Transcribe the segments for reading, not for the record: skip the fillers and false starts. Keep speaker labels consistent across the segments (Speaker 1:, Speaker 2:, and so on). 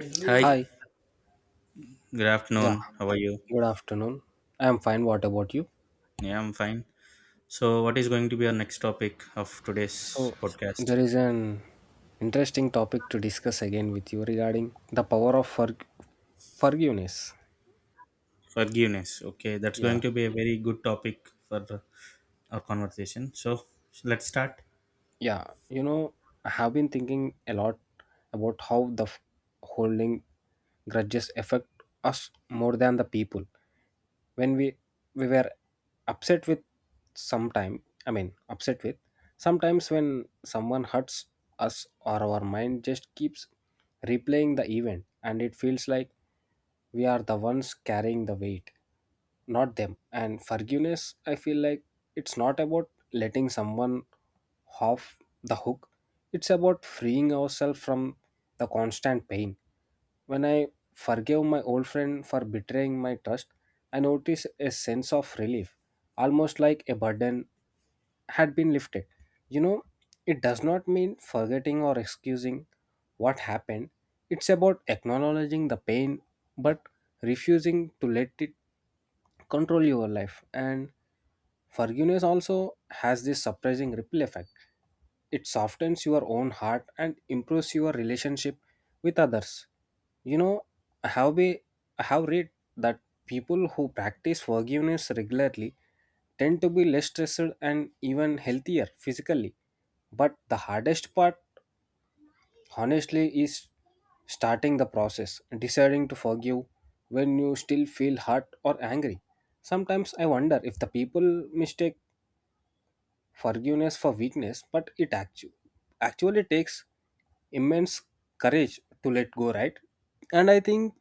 Speaker 1: Hi,
Speaker 2: Hi,
Speaker 1: good
Speaker 2: yeah,
Speaker 1: afternoon. How are you?
Speaker 2: good afternoon. I'm fine. What about you?
Speaker 1: Yeah, I'm fine. So, what is going to be our next topic of today's
Speaker 2: So,
Speaker 1: podcast?
Speaker 2: there is an interesting topic to discuss again with you regarding the power of forgiveness.
Speaker 1: Forgiveness. Okay, that's going
Speaker 2: Yeah.
Speaker 1: to be a very good topic for our conversation. So, so let's start.
Speaker 2: Yeah, I have been thinking a lot about how holding grudges affect us more than the people. When we were upset with I mean, upset with sometimes when someone hurts us or our mind just keeps replaying the event and it feels like we are the ones carrying the weight, not them. And forgiveness, I feel like it's not about letting someone off the hook, it's about freeing ourselves from the constant pain. When I forgave my old friend for betraying my trust, I noticed a sense of relief, almost like a burden had been lifted. You know, it does not mean forgetting or excusing what happened, it's about acknowledging the pain but refusing to let it control your life. And forgiveness also has this surprising ripple effect. It softens your own heart and improves your relationship with others. You know, I have, be, I have read that people who practice forgiveness regularly tend to be less stressed and even healthier physically. But the hardest part, honestly, is starting the process, deciding to forgive when you still feel hurt or angry. Sometimes I wonder if the people mistake forgiveness for weakness, but it actually takes immense courage to let go, right? And I think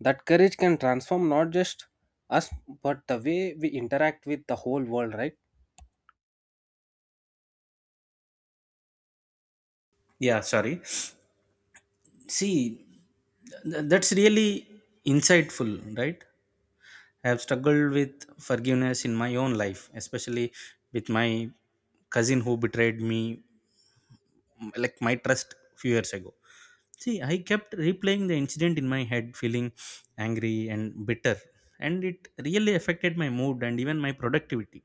Speaker 2: that courage can transform not just us but the way we interact with the whole world, right?
Speaker 1: Yeah, sorry. See, that's really insightful, right? I have struggled with forgiveness in my own life, especially with my cousin who betrayed me, like my trust few years ago. See, I kept replaying the incident in my head, feeling angry and bitter, and it really affected my mood and even my productivity.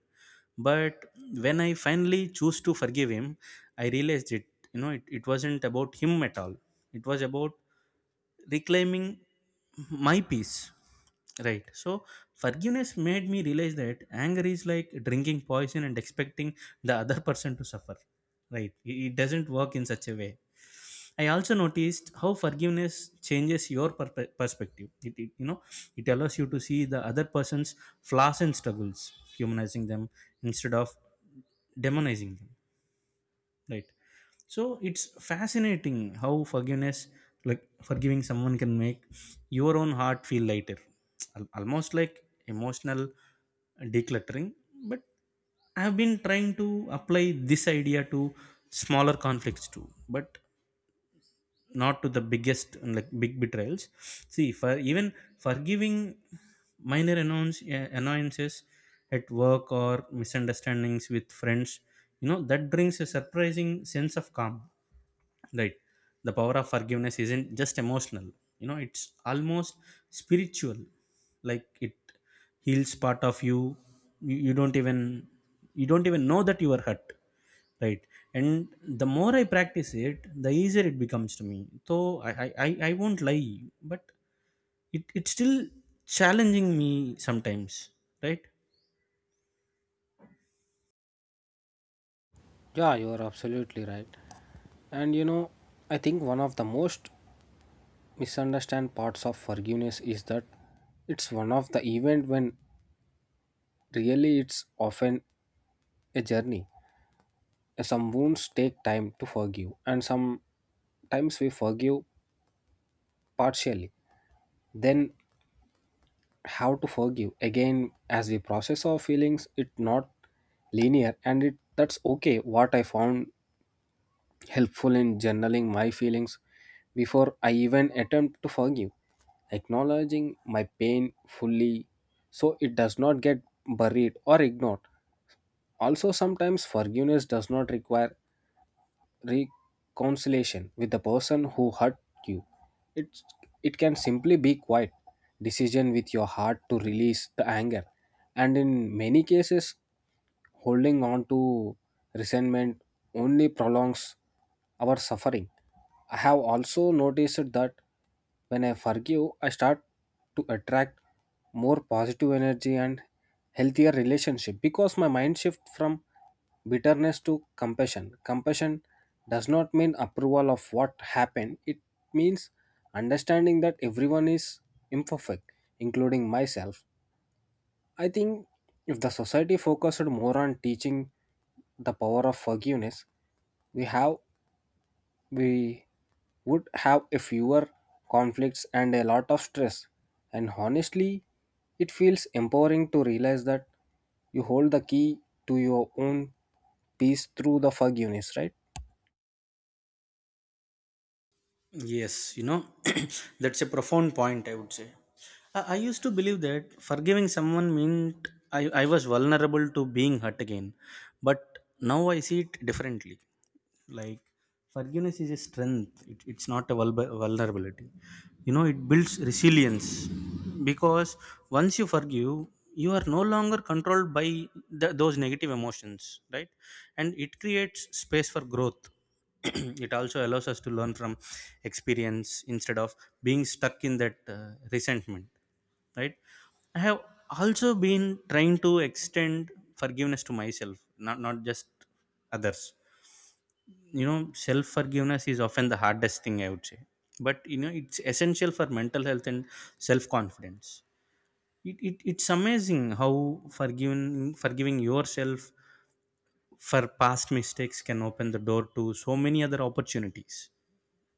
Speaker 1: But when I finally chose to forgive him, I realized it, you know, it wasn't about him at all. It was about reclaiming my peace. Right. So forgiveness made me realize that anger is like drinking poison and expecting the other person to suffer. Right. It doesn't work in such a way. I also noticed how forgiveness changes your perspective. It allows you to see the other person's flaws and struggles, humanizing them instead of demonizing them. Right. So it's fascinating how forgiveness, like forgiving someone, can make your own heart feel lighter, almost like emotional decluttering. But I have been trying to apply this idea to smaller conflicts too. But not to the biggest like big betrayals. See, for even forgiving annoyances at work or misunderstandings with friends, you know, that brings a surprising sense of calm, right? The power of forgiveness isn't just emotional, you know, it's almost spiritual, like it heals part of you, you you don't even you don't even know that you are hurt, right? And the more I practice it, the easier it becomes to me. So I won't lie, but it's still challenging me sometimes, right?
Speaker 2: Yeah, you're absolutely right. And I think one of the most misunderstood parts of forgiveness is that it's one of the event when really it's often a journey. Some wounds take time to forgive and sometimes we forgive partially, then how to forgive again as we process our feelings. It not linear and it that's okay. What I found helpful in journaling my feelings before I even attempt to forgive, acknowledging my pain fully so it does not get buried or ignored. Also sometimes forgiveness does not require reconciliation with the person who hurt you. It's, it can simply be quiet decision with your heart to release the anger. And in many cases, holding on to resentment only prolongs our suffering. I have also noticed that when I forgive, I start to attract more positive energy and healthier relationship because my mind shifts from bitterness to compassion. Compassion does not mean approval of what happened. It means understanding that everyone is imperfect, including myself. I think if the society focused more on teaching the power of forgiveness, we have we would have a fewer conflicts and a lot of stress. And honestly, it feels empowering to realize that you hold the key to your own peace through the forgiveness, right?
Speaker 1: Yes, you know, that's a profound point, I would say. I used to believe that forgiving someone meant I was vulnerable to being hurt again, but now I see it differently, like forgiveness is a strength. It's not a vulnerability. You know, it builds resilience because once you forgive, you are no longer controlled by those negative emotions, right? And it creates space for growth. It also allows us to learn from experience instead of being stuck in that resentment, right? I have also been trying to extend forgiveness to myself, not just others. You know, self forgiveness is often the hardest thing, I would say. But, you know, it's essential for mental health and self confidence. It's amazing how forgiving yourself for past mistakes can open the door to so many other opportunities.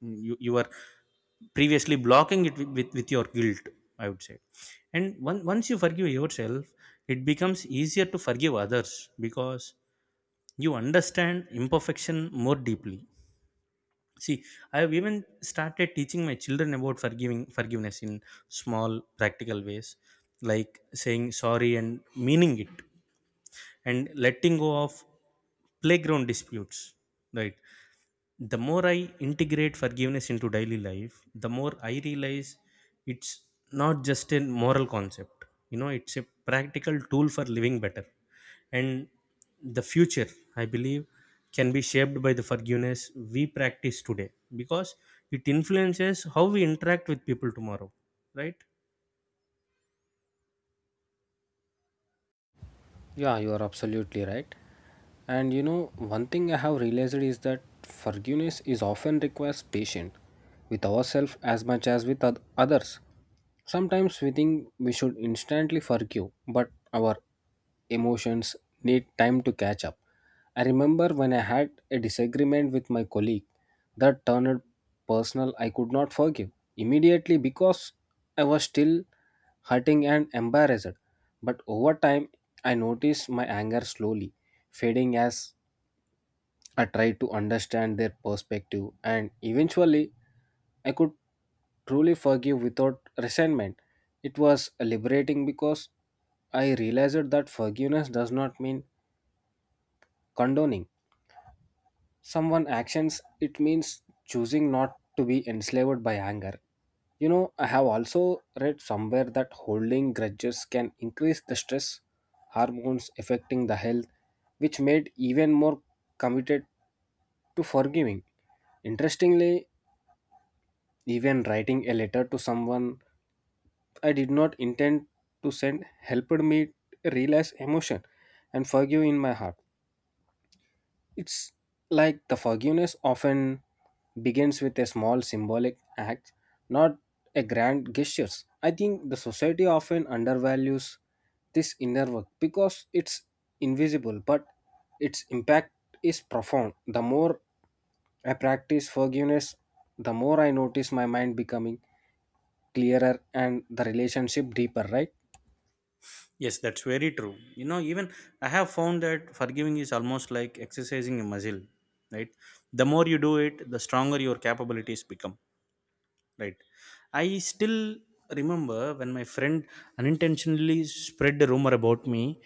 Speaker 1: You were previously blocking it with, with your guilt, I would say. And once you forgive yourself, it becomes easier to forgive others because you understand imperfection more deeply. See, I have even started teaching my children about forgiving forgiveness in small practical ways, like saying sorry and meaning it, and letting go of playground disputes. Right, the more I integrate forgiveness into daily life, the more I realize it's not just a moral concept. You know, it's a practical tool for living better. And the future, I believe, can be shaped by the forgiveness we practice today because it influences how we interact with people tomorrow, right?
Speaker 2: Yeah, you are absolutely right. And one thing I have realized is that forgiveness is often requires patience with ourselves as much as with others. Sometimes we think we should instantly forgive, but our emotions need time to catch up. I remember when I had a disagreement with my colleague that turned personal, I could not forgive immediately because I was still hurting and embarrassed. But over time, I noticed my anger slowly fading as I tried to understand their perspective, and eventually, I could truly forgive without resentment. It was liberating because I realized that forgiveness does not mean condoning, someone actions it means choosing not to be enslaved by anger. I have also read somewhere that holding grudges can increase the stress hormones affecting the health, which made even more committed to forgiving. Interestingly, even writing a letter to someone I did not intend to send helped me realize emotion and forgive in my heart. It's like the forgiveness often begins with a small symbolic act, not a grand gestures. I think the society often undervalues this inner work because it's invisible, but its impact is profound. The more I practice forgiveness, the more I notice my mind becoming clearer and the relationship deeper, right?
Speaker 1: Yes, that's very true. You know, even I have found that forgiving is almost like exercising a muscle, right? The more you do it, the stronger your capabilities become. Right. I still remember when my friend unintentionally spread a rumor about me.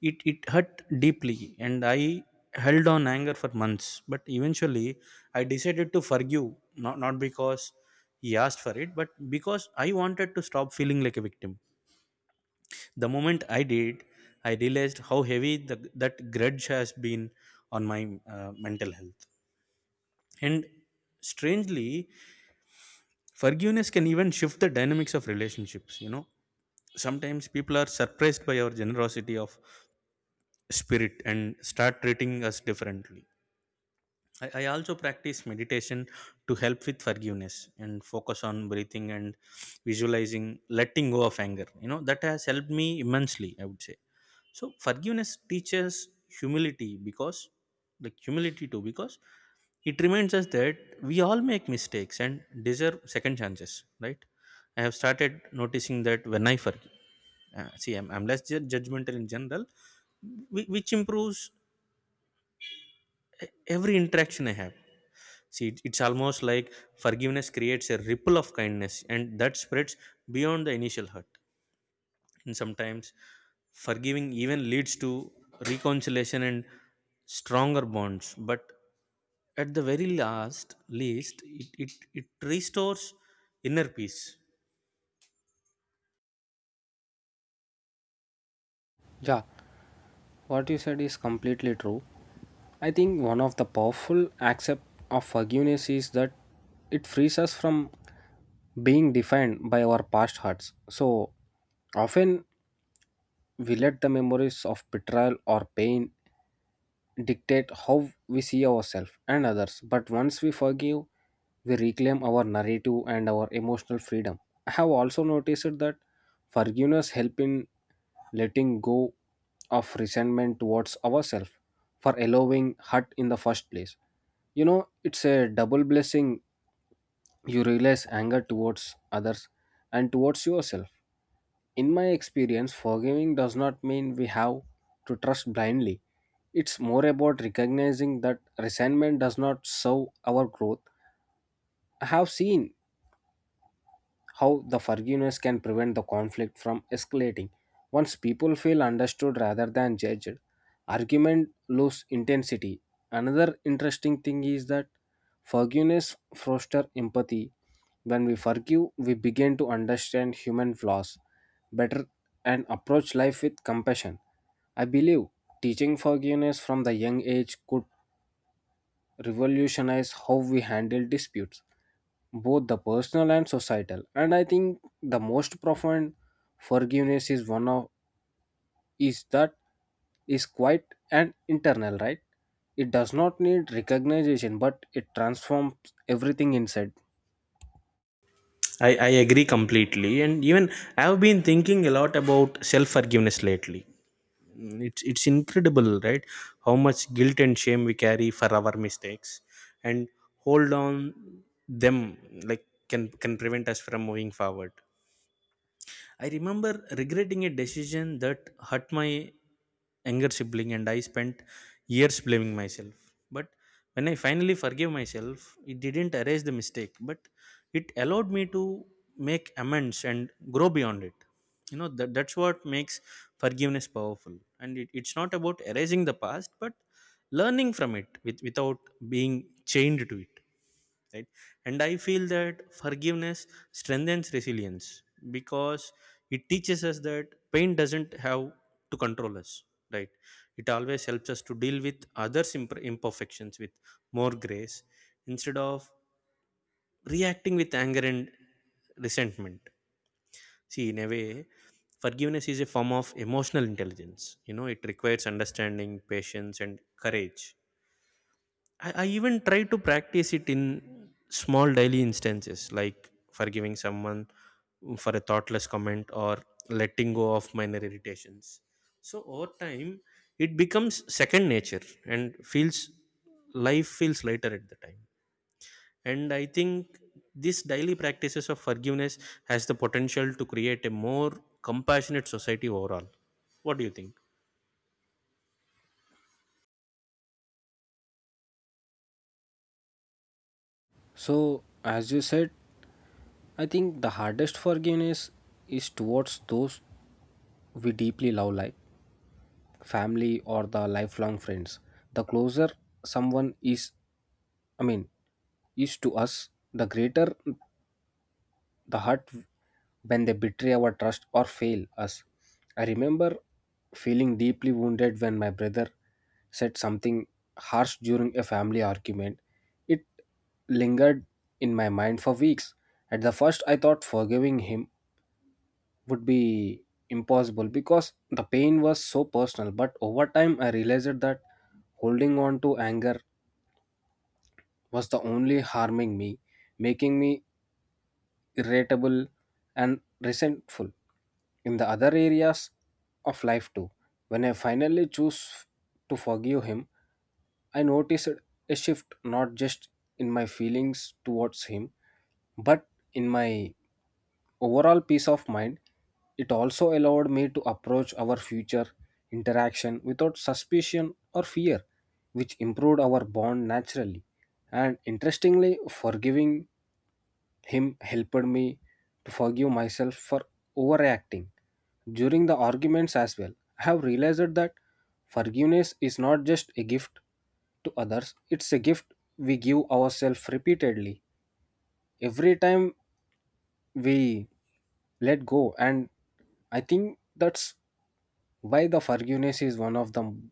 Speaker 1: It hurt deeply, and I held on anger for months. But eventually, I decided to forgive. Not because he asked for it, but because I wanted to stop feeling like a victim. The moment I did, I realized how heavy that grudge has been on my mental health. And strangely, forgiveness can even shift the dynamics of relationships. You know, sometimes people are surprised by our generosity of spirit and start treating us differently. I also practice meditation to help with forgiveness and focus on breathing and visualizing letting go of anger. You know, that has helped me immensely, I would say. So, forgiveness teaches humility because, like humility too, because it reminds us that we all make mistakes and deserve second chances, right? I have started noticing that when I forgive, see, I'm less judgmental in general, which improves every interaction I have. See, it's almost like forgiveness creates a ripple of kindness and that spreads beyond the initial hurt. And sometimes forgiving even leads to reconciliation and stronger bonds, but at the very last least it restores inner peace.
Speaker 2: Yeah, what you said is completely true. I think one of the powerful aspects of forgiveness is that it frees us from being defined by our past hurts. So often we let the memories of betrayal or pain dictate how we see ourselves and others. But once we forgive, we reclaim our narrative and our emotional freedom. I have also noticed that forgiveness help in letting go of resentment towards ourselves for allowing hurt in the first place. It's a double blessing. You realize anger towards others and towards yourself. In my experience, forgiving does not mean we have to trust blindly. It's more about recognizing that resentment does not serve our growth. I have seen how the forgiveness can prevent the conflict from escalating. Once people feel understood rather than judged, argument lose intensity. Another interesting thing is that forgiveness fosters empathy. When we forgive, we begin to understand human flaws better and approach life with compassion. I believe teaching forgiveness from the young age could revolutionize how we handle disputes both the personal and societal. And I think the most profound forgiveness is one of is that is quite an internal, right? It does not need recognition but it transforms everything inside.
Speaker 1: I agree completely, and even I've been thinking a lot about self-forgiveness lately. It's incredible, right? How much guilt and shame we carry for our mistakes, and hold on them like can prevent us from moving forward. I remember regretting a decision that hurt my younger sibling, and I spent years blaming myself. But when I finally forgave myself, it didn't erase the mistake, but it allowed me to make amends and grow beyond it. You know, that's what makes forgiveness powerful. And it's not about erasing the past, but learning from it without being chained to it, right? And I feel that forgiveness strengthens resilience because it teaches us that pain doesn't have to control us, right? It always helps us to deal with others imperfections with more grace instead of reacting with anger and resentment. See, in a way, forgiveness is a form of emotional intelligence. You know, it requires understanding, patience, and courage. I even try to practice it in small daily instances, like forgiving someone, for a thoughtless comment or letting go of minor irritations. So over time, it becomes second nature and feels life feels lighter at the time. And I think this daily practices of forgiveness has the potential to create a more compassionate society overall. What do you think?
Speaker 2: So as you said, I think the hardest forgiveness is towards those we deeply love like family or the lifelong friends. The closer someone is, I mean, is to us, the greater the hurt when they betray our trust or fail us. I remember feeling deeply wounded when my brother said something harsh during a family argument. It lingered in my mind for weeks. At the first, I thought forgiving him would be impossible because the pain was so personal, but over time, I realized that holding on to anger was the only harming me, making me irritable, and resentful. In the other areas of life, too, when I finally choose to forgive him, I noticed a shift not just in my feelings towards him, but in my overall peace of mind. It also allowed me to approach our future interaction without suspicion or fear, which improved our bond naturally. And interestingly, forgiving him helped me to forgive myself for overreacting during the arguments as well. I have realized that forgiveness is not just a gift to others, it's a gift we give ourselves repeatedly. Every time we let go, and I think that's why the forgiveness is one of the m-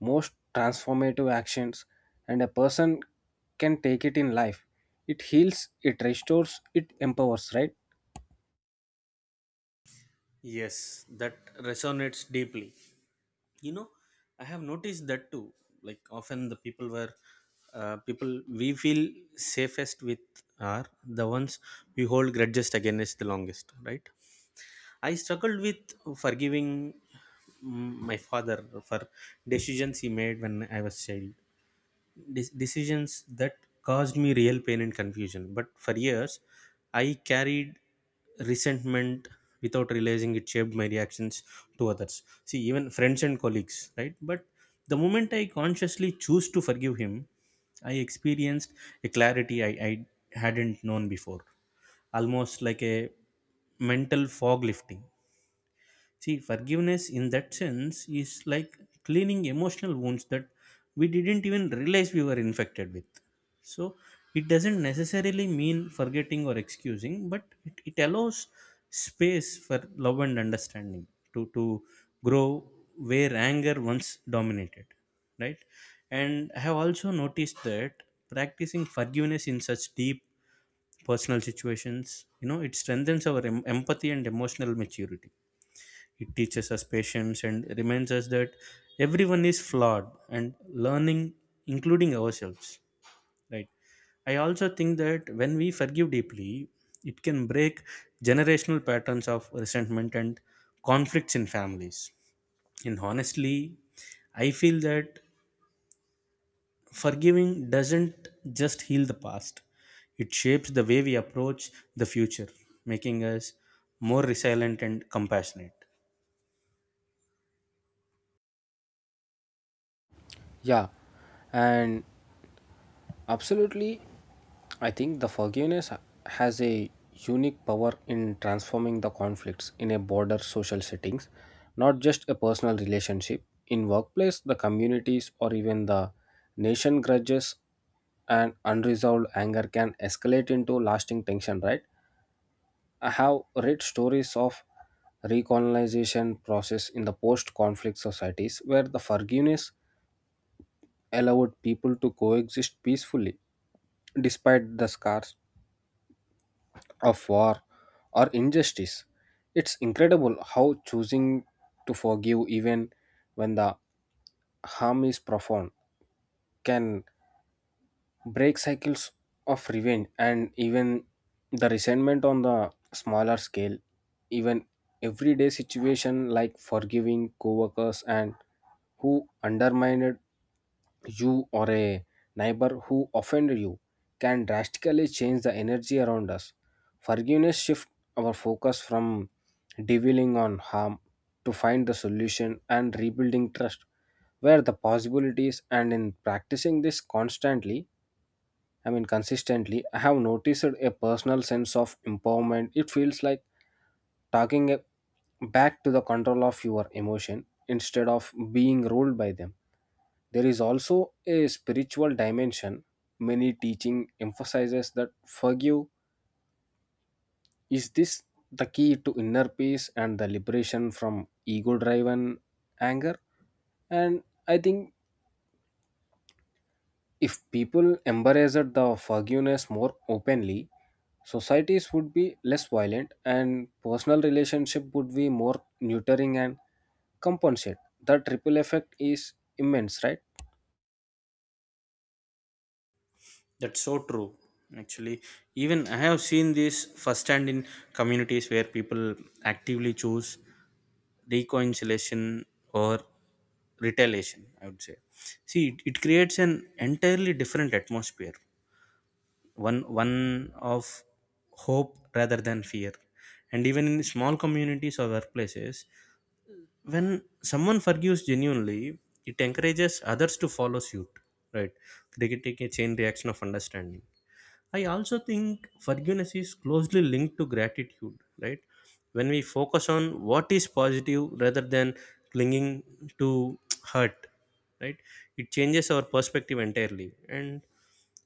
Speaker 2: most transformative actions and a person can take it in life. It heals, it restores, it empowers, right?
Speaker 1: Yes, that resonates deeply. You know, I have noticed that too, like often the people were people we feel safest with are the ones we hold grudges against the longest, right? I struggled with forgiving, my father for decisions he made when I was child, decisions that caused me real pain and confusion. But for years, I carried resentment without realizing it shaped my reactions to others. See, even friends and colleagues, right? But the moment I consciously choose to forgive him, I experienced a clarity I hadn't known before, almost like a mental fog lifting. See, forgiveness in that sense is like cleaning emotional wounds that we didn't even realize we were infected with. So, it doesn't necessarily mean forgetting or excusing, but it allows space for love and understanding to grow where anger once dominated, right? And I have also noticed that practicing forgiveness in such deep personal situations, you know, it strengthens our empathy and emotional maturity. It teaches us patience and reminds us that everyone is flawed and learning, including ourselves. Right. I also think that when we forgive deeply, it can break generational patterns of resentment and conflicts in families. And honestly, I feel that forgiving doesn't just heal the past, it shapes the way we approach the future, making us more resilient and compassionate.
Speaker 2: Yeah, and absolutely, I think the forgiveness has a unique power in transforming the conflicts in a broader social settings, not just a personal relationship. In workplace, the communities, or even the nation grudges and unresolved anger can escalate into lasting tension, right? I have read stories of recolonization process in the post-conflict societies where the forgiveness allowed people to coexist peacefully despite the scars of war or injustice. It's incredible how choosing to forgive, even when the harm is profound, can break cycles of revenge and even the resentment on the smaller scale. Even everyday situation like forgiving co-workers and who undermined you or a neighbor who offended you can drastically change the energy around us. Forgiveness shifts our focus from dwelling on harm to find the solution and rebuilding trust where the possibilities. And in practicing this constantly, I mean consistently, I have noticed a personal sense of empowerment. It feels like talking back to the control of your emotion instead of being ruled by them. There is also a spiritual dimension. Many teaching emphasizes that forgive is this the key to inner peace and the liberation from ego driven anger. And I think if people embraced the forgiveness more openly, societies would be less violent and personal relationship would be more nurturing and compensate. The triple effect is immense, right?
Speaker 1: That's so true. Actually, even I have seen this firsthand in communities where people actively choose reconciliation or retaliation. I would say, see, it creates an entirely different atmosphere. One of hope rather than fear, and even in small communities or workplaces, when someone forgives genuinely, it encourages others to follow suit. Right, they take a chain reaction of understanding. I also think forgiveness is closely linked to gratitude, right? When we focus on what is positive rather than clinging to hurt, right? It changes our perspective entirely. And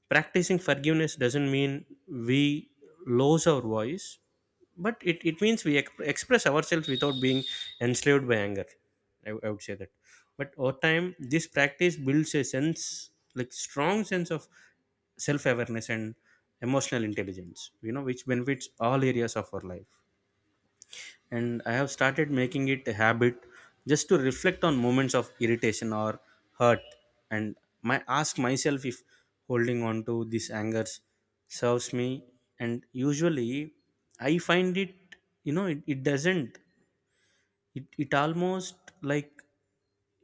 Speaker 1: practicing forgiveness doesn't mean we lose our voice, but it means we express ourselves without being enslaved by anger, I would say that. But over time this practice builds a sense, like strong sense of self-awareness and emotional intelligence, you know, which benefits all areas of our life. And I have started making it a habit just to reflect on moments of irritation or hurt, and my ask myself if holding on to these angers serves me, and usually I find it, you know, it doesn't. It almost like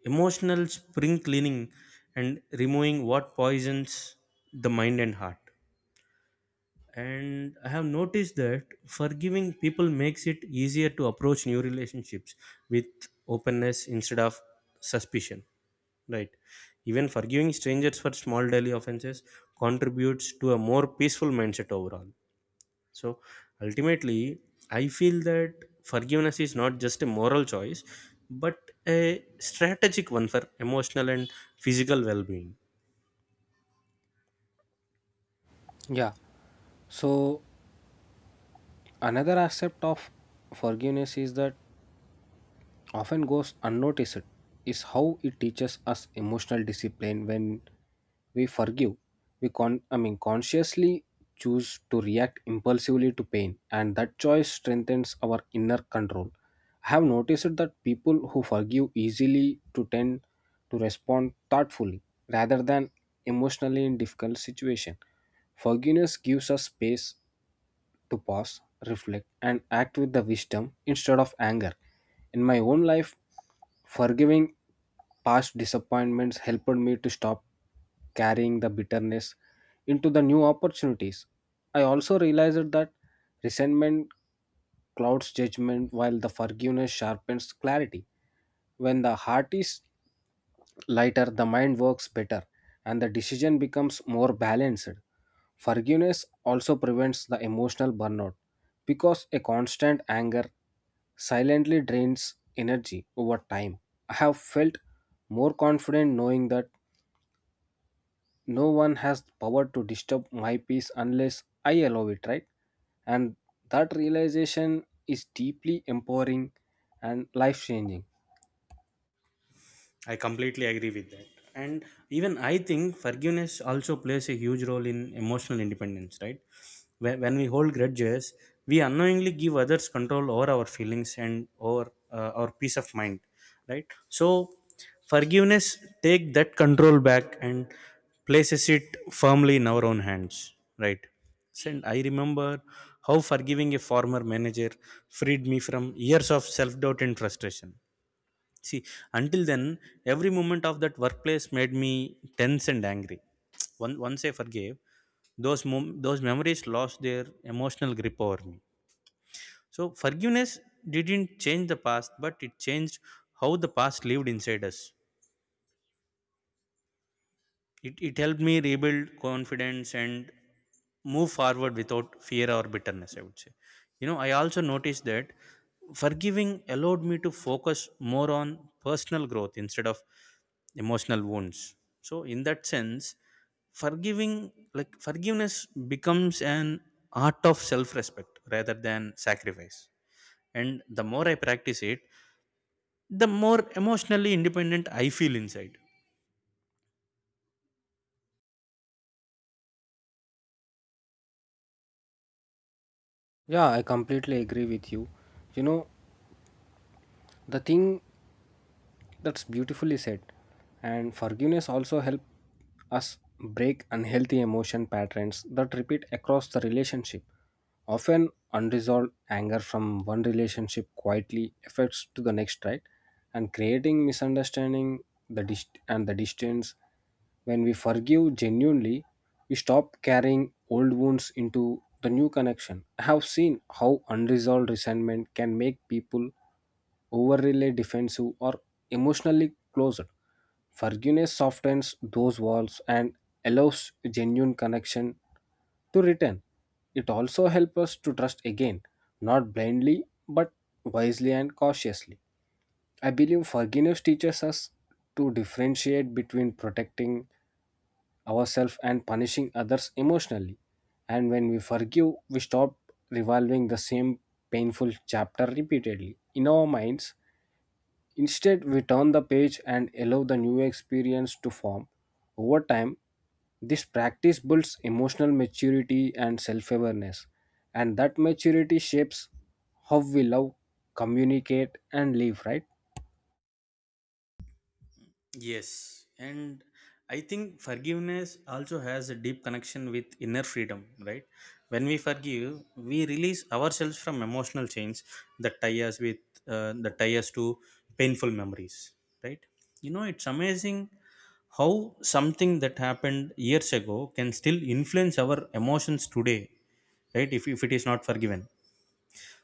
Speaker 1: emotional spring cleaning and removing what poisons the mind and heart. And I have noticed that forgiving people makes it easier to approach new relationships with openness instead of suspicion, right? Even forgiving strangers for small daily offenses contributes to a more peaceful mindset overall. So ultimately I feel that forgiveness is not just a moral choice, but a strategic one for emotional and physical well-being.
Speaker 2: Yeah. So another aspect of forgiveness is that often goes unnoticed is how it teaches us emotional discipline. When we forgive, we I mean consciously choose to react impulsively to pain and that choice strengthens our inner control. I have noticed that people who forgive easily to tend to respond thoughtfully rather than emotionally in difficult situation. Forgiveness gives us space to pause, reflect, and act with the wisdom instead of anger. In my own life, forgiving past disappointments helped me to stop carrying the bitterness into the new opportunities. I also realized that resentment clouds judgment while the forgiveness sharpens clarity. When the heart is lighter, the mind works better and the decision becomes more balanced. Forgiveness also prevents the emotional burnout because a constant anger silently drains energy over time. I have felt more confident knowing that no one has power to disturb my peace unless I allow it, right? And that realization is deeply empowering and life changing.
Speaker 1: I completely agree with that. And even I think forgiveness also plays a huge role in emotional independence, right? When we hold grudges, we unknowingly give others control over our feelings and over our peace of mind, right? So forgiveness take that control back and places it firmly in our own hands, right? And I remember how forgiving a former manager freed me from years of self doubt and frustration. See, until then, every moment of that workplace made me tense and angry. Once I forgave, those those memories lost their emotional grip over me. So forgiveness didn't change the past, but it changed how the past lived inside us. It helped me rebuild confidence and move forward without fear or bitterness, I would say. You know, I also noticed that forgiving allowed me to focus more on personal growth instead of emotional wounds. So, in that sense, forgiving, like forgiveness becomes an art of self respect rather than sacrifice. And the more I practice it, the more emotionally independent I feel inside.
Speaker 2: Yeah, I completely agree with you. You know, the thing That's beautifully said. And forgiveness also helps us break unhealthy emotion patterns that repeat across the relationship. Often unresolved anger from one relationship quietly affects to the next, right? And creating misunderstanding and the distance. When we forgive genuinely, we stop carrying old wounds into the new connection. I have seen how unresolved resentment can make people overly defensive, or emotionally closed. Forgiveness softens those walls and allows genuine connection to return. It also helps us to trust again, not blindly, but wisely and cautiously. I believe forgiveness teaches us to differentiate between protecting ourselves and punishing others emotionally. And when we forgive, we stop revolving the same painful chapter repeatedly in our minds. Instead, we turn the page and allow the new experience to form. Over time, this practice builds emotional maturity and self awareness, and that maturity shapes how we love, communicate, and live, right?
Speaker 1: Yes, and I think forgiveness also has a deep connection with inner freedom, right? When we forgive, we release ourselves from emotional chains that tie us with that tie us to painful memories, right? You know, it's amazing how something that happened years ago can still influence our emotions today, right? If it is not forgiven.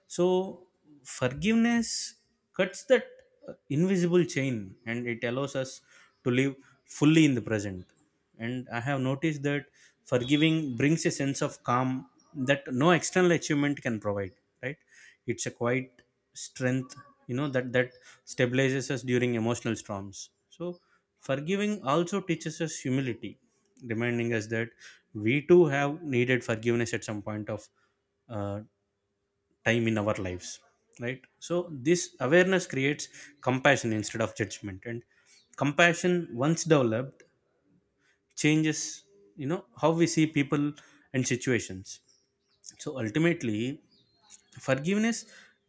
Speaker 1: So, forgiveness cuts that invisible chain, and it allows us to live fully in the present. And I have noticed that forgiving brings a sense of calm that no external achievement can provide, right? It's a quiet strength, you know, that stabilizes us during emotional storms. So, forgiving also teaches us humility, reminding us that we too have needed forgiveness at some point of uh, time in our lives, right? So this awareness creates compassion instead of judgment, and compassion, once developed, changes, you know, how we see people and situations. So ultimately forgiveness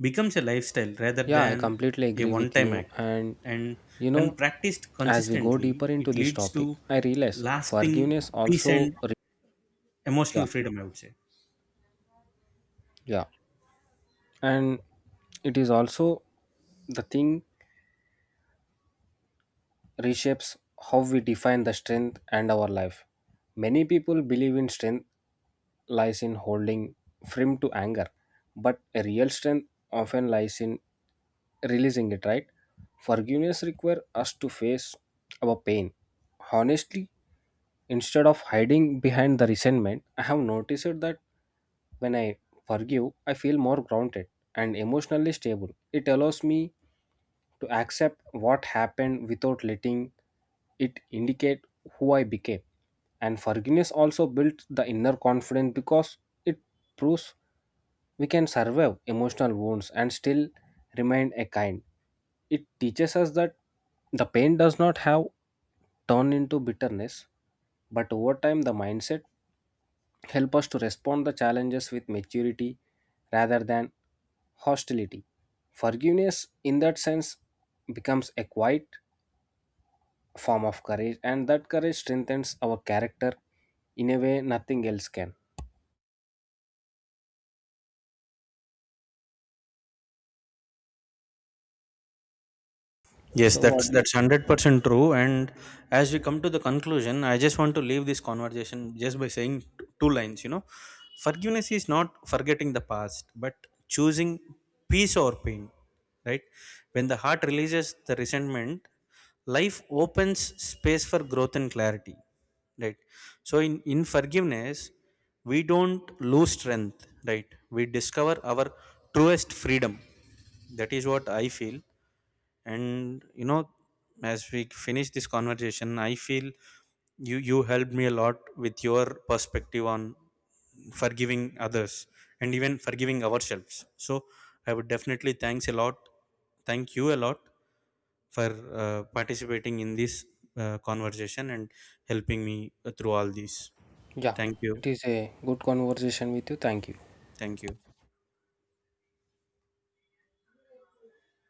Speaker 1: becomes a lifestyle rather
Speaker 2: Yeah, I
Speaker 1: than
Speaker 2: completely
Speaker 1: a
Speaker 2: agree
Speaker 1: one
Speaker 2: with
Speaker 1: time
Speaker 2: you.
Speaker 1: act,
Speaker 2: And
Speaker 1: and
Speaker 2: you
Speaker 1: when
Speaker 2: know,
Speaker 1: practiced
Speaker 2: as we go
Speaker 1: consistently
Speaker 2: deeper into
Speaker 1: it
Speaker 2: this
Speaker 1: leads to
Speaker 2: topic, I realize
Speaker 1: lasting
Speaker 2: forgiveness
Speaker 1: peace
Speaker 2: also,
Speaker 1: and
Speaker 2: yeah,
Speaker 1: emotional freedom, I would say.
Speaker 2: yeah, and it is also the thing reshapes how we define the strength and our life. Many people believe in strength lies in holding firm to anger, but a real strength often lies in releasing it, right? Forgiveness requires us to face our pain. Honestly, instead of hiding behind the resentment, I have noticed that when I forgive, I feel more grounded and emotionally stable. It allows me to accept what happened without letting it indicate who I became. And forgiveness also builds the inner confidence because it proves we can survive emotional wounds and still remain a kind. It teaches us that the pain does not have turned into bitterness, but over time the mindset help us to respond the challenges with maturity rather than hostility. Forgiveness in that sense becomes a quiet form of courage and that courage strengthens our character in a way nothing else can.
Speaker 1: Yes,
Speaker 2: So what do you
Speaker 1: that's
Speaker 2: think?
Speaker 1: 100% true. And as we come to the conclusion, I just want to leave this conversation just by saying two lines. You know, forgiveness is not forgetting the past, but choosing peace or pain. Right? When the heart releases the resentment, life opens space for growth and clarity. Right? So in forgiveness, we don't lose strength. Right? We discover our truest freedom. That is what I feel. And you know, as we finish this conversation I feel you helped me a lot with your perspective on forgiving others and even forgiving ourselves. So I would definitely thank you a lot for participating in this conversation and helping me through all these.
Speaker 2: Yeah,
Speaker 1: Thank you.
Speaker 2: it is a good conversation with you. Thank you.
Speaker 1: Thank you.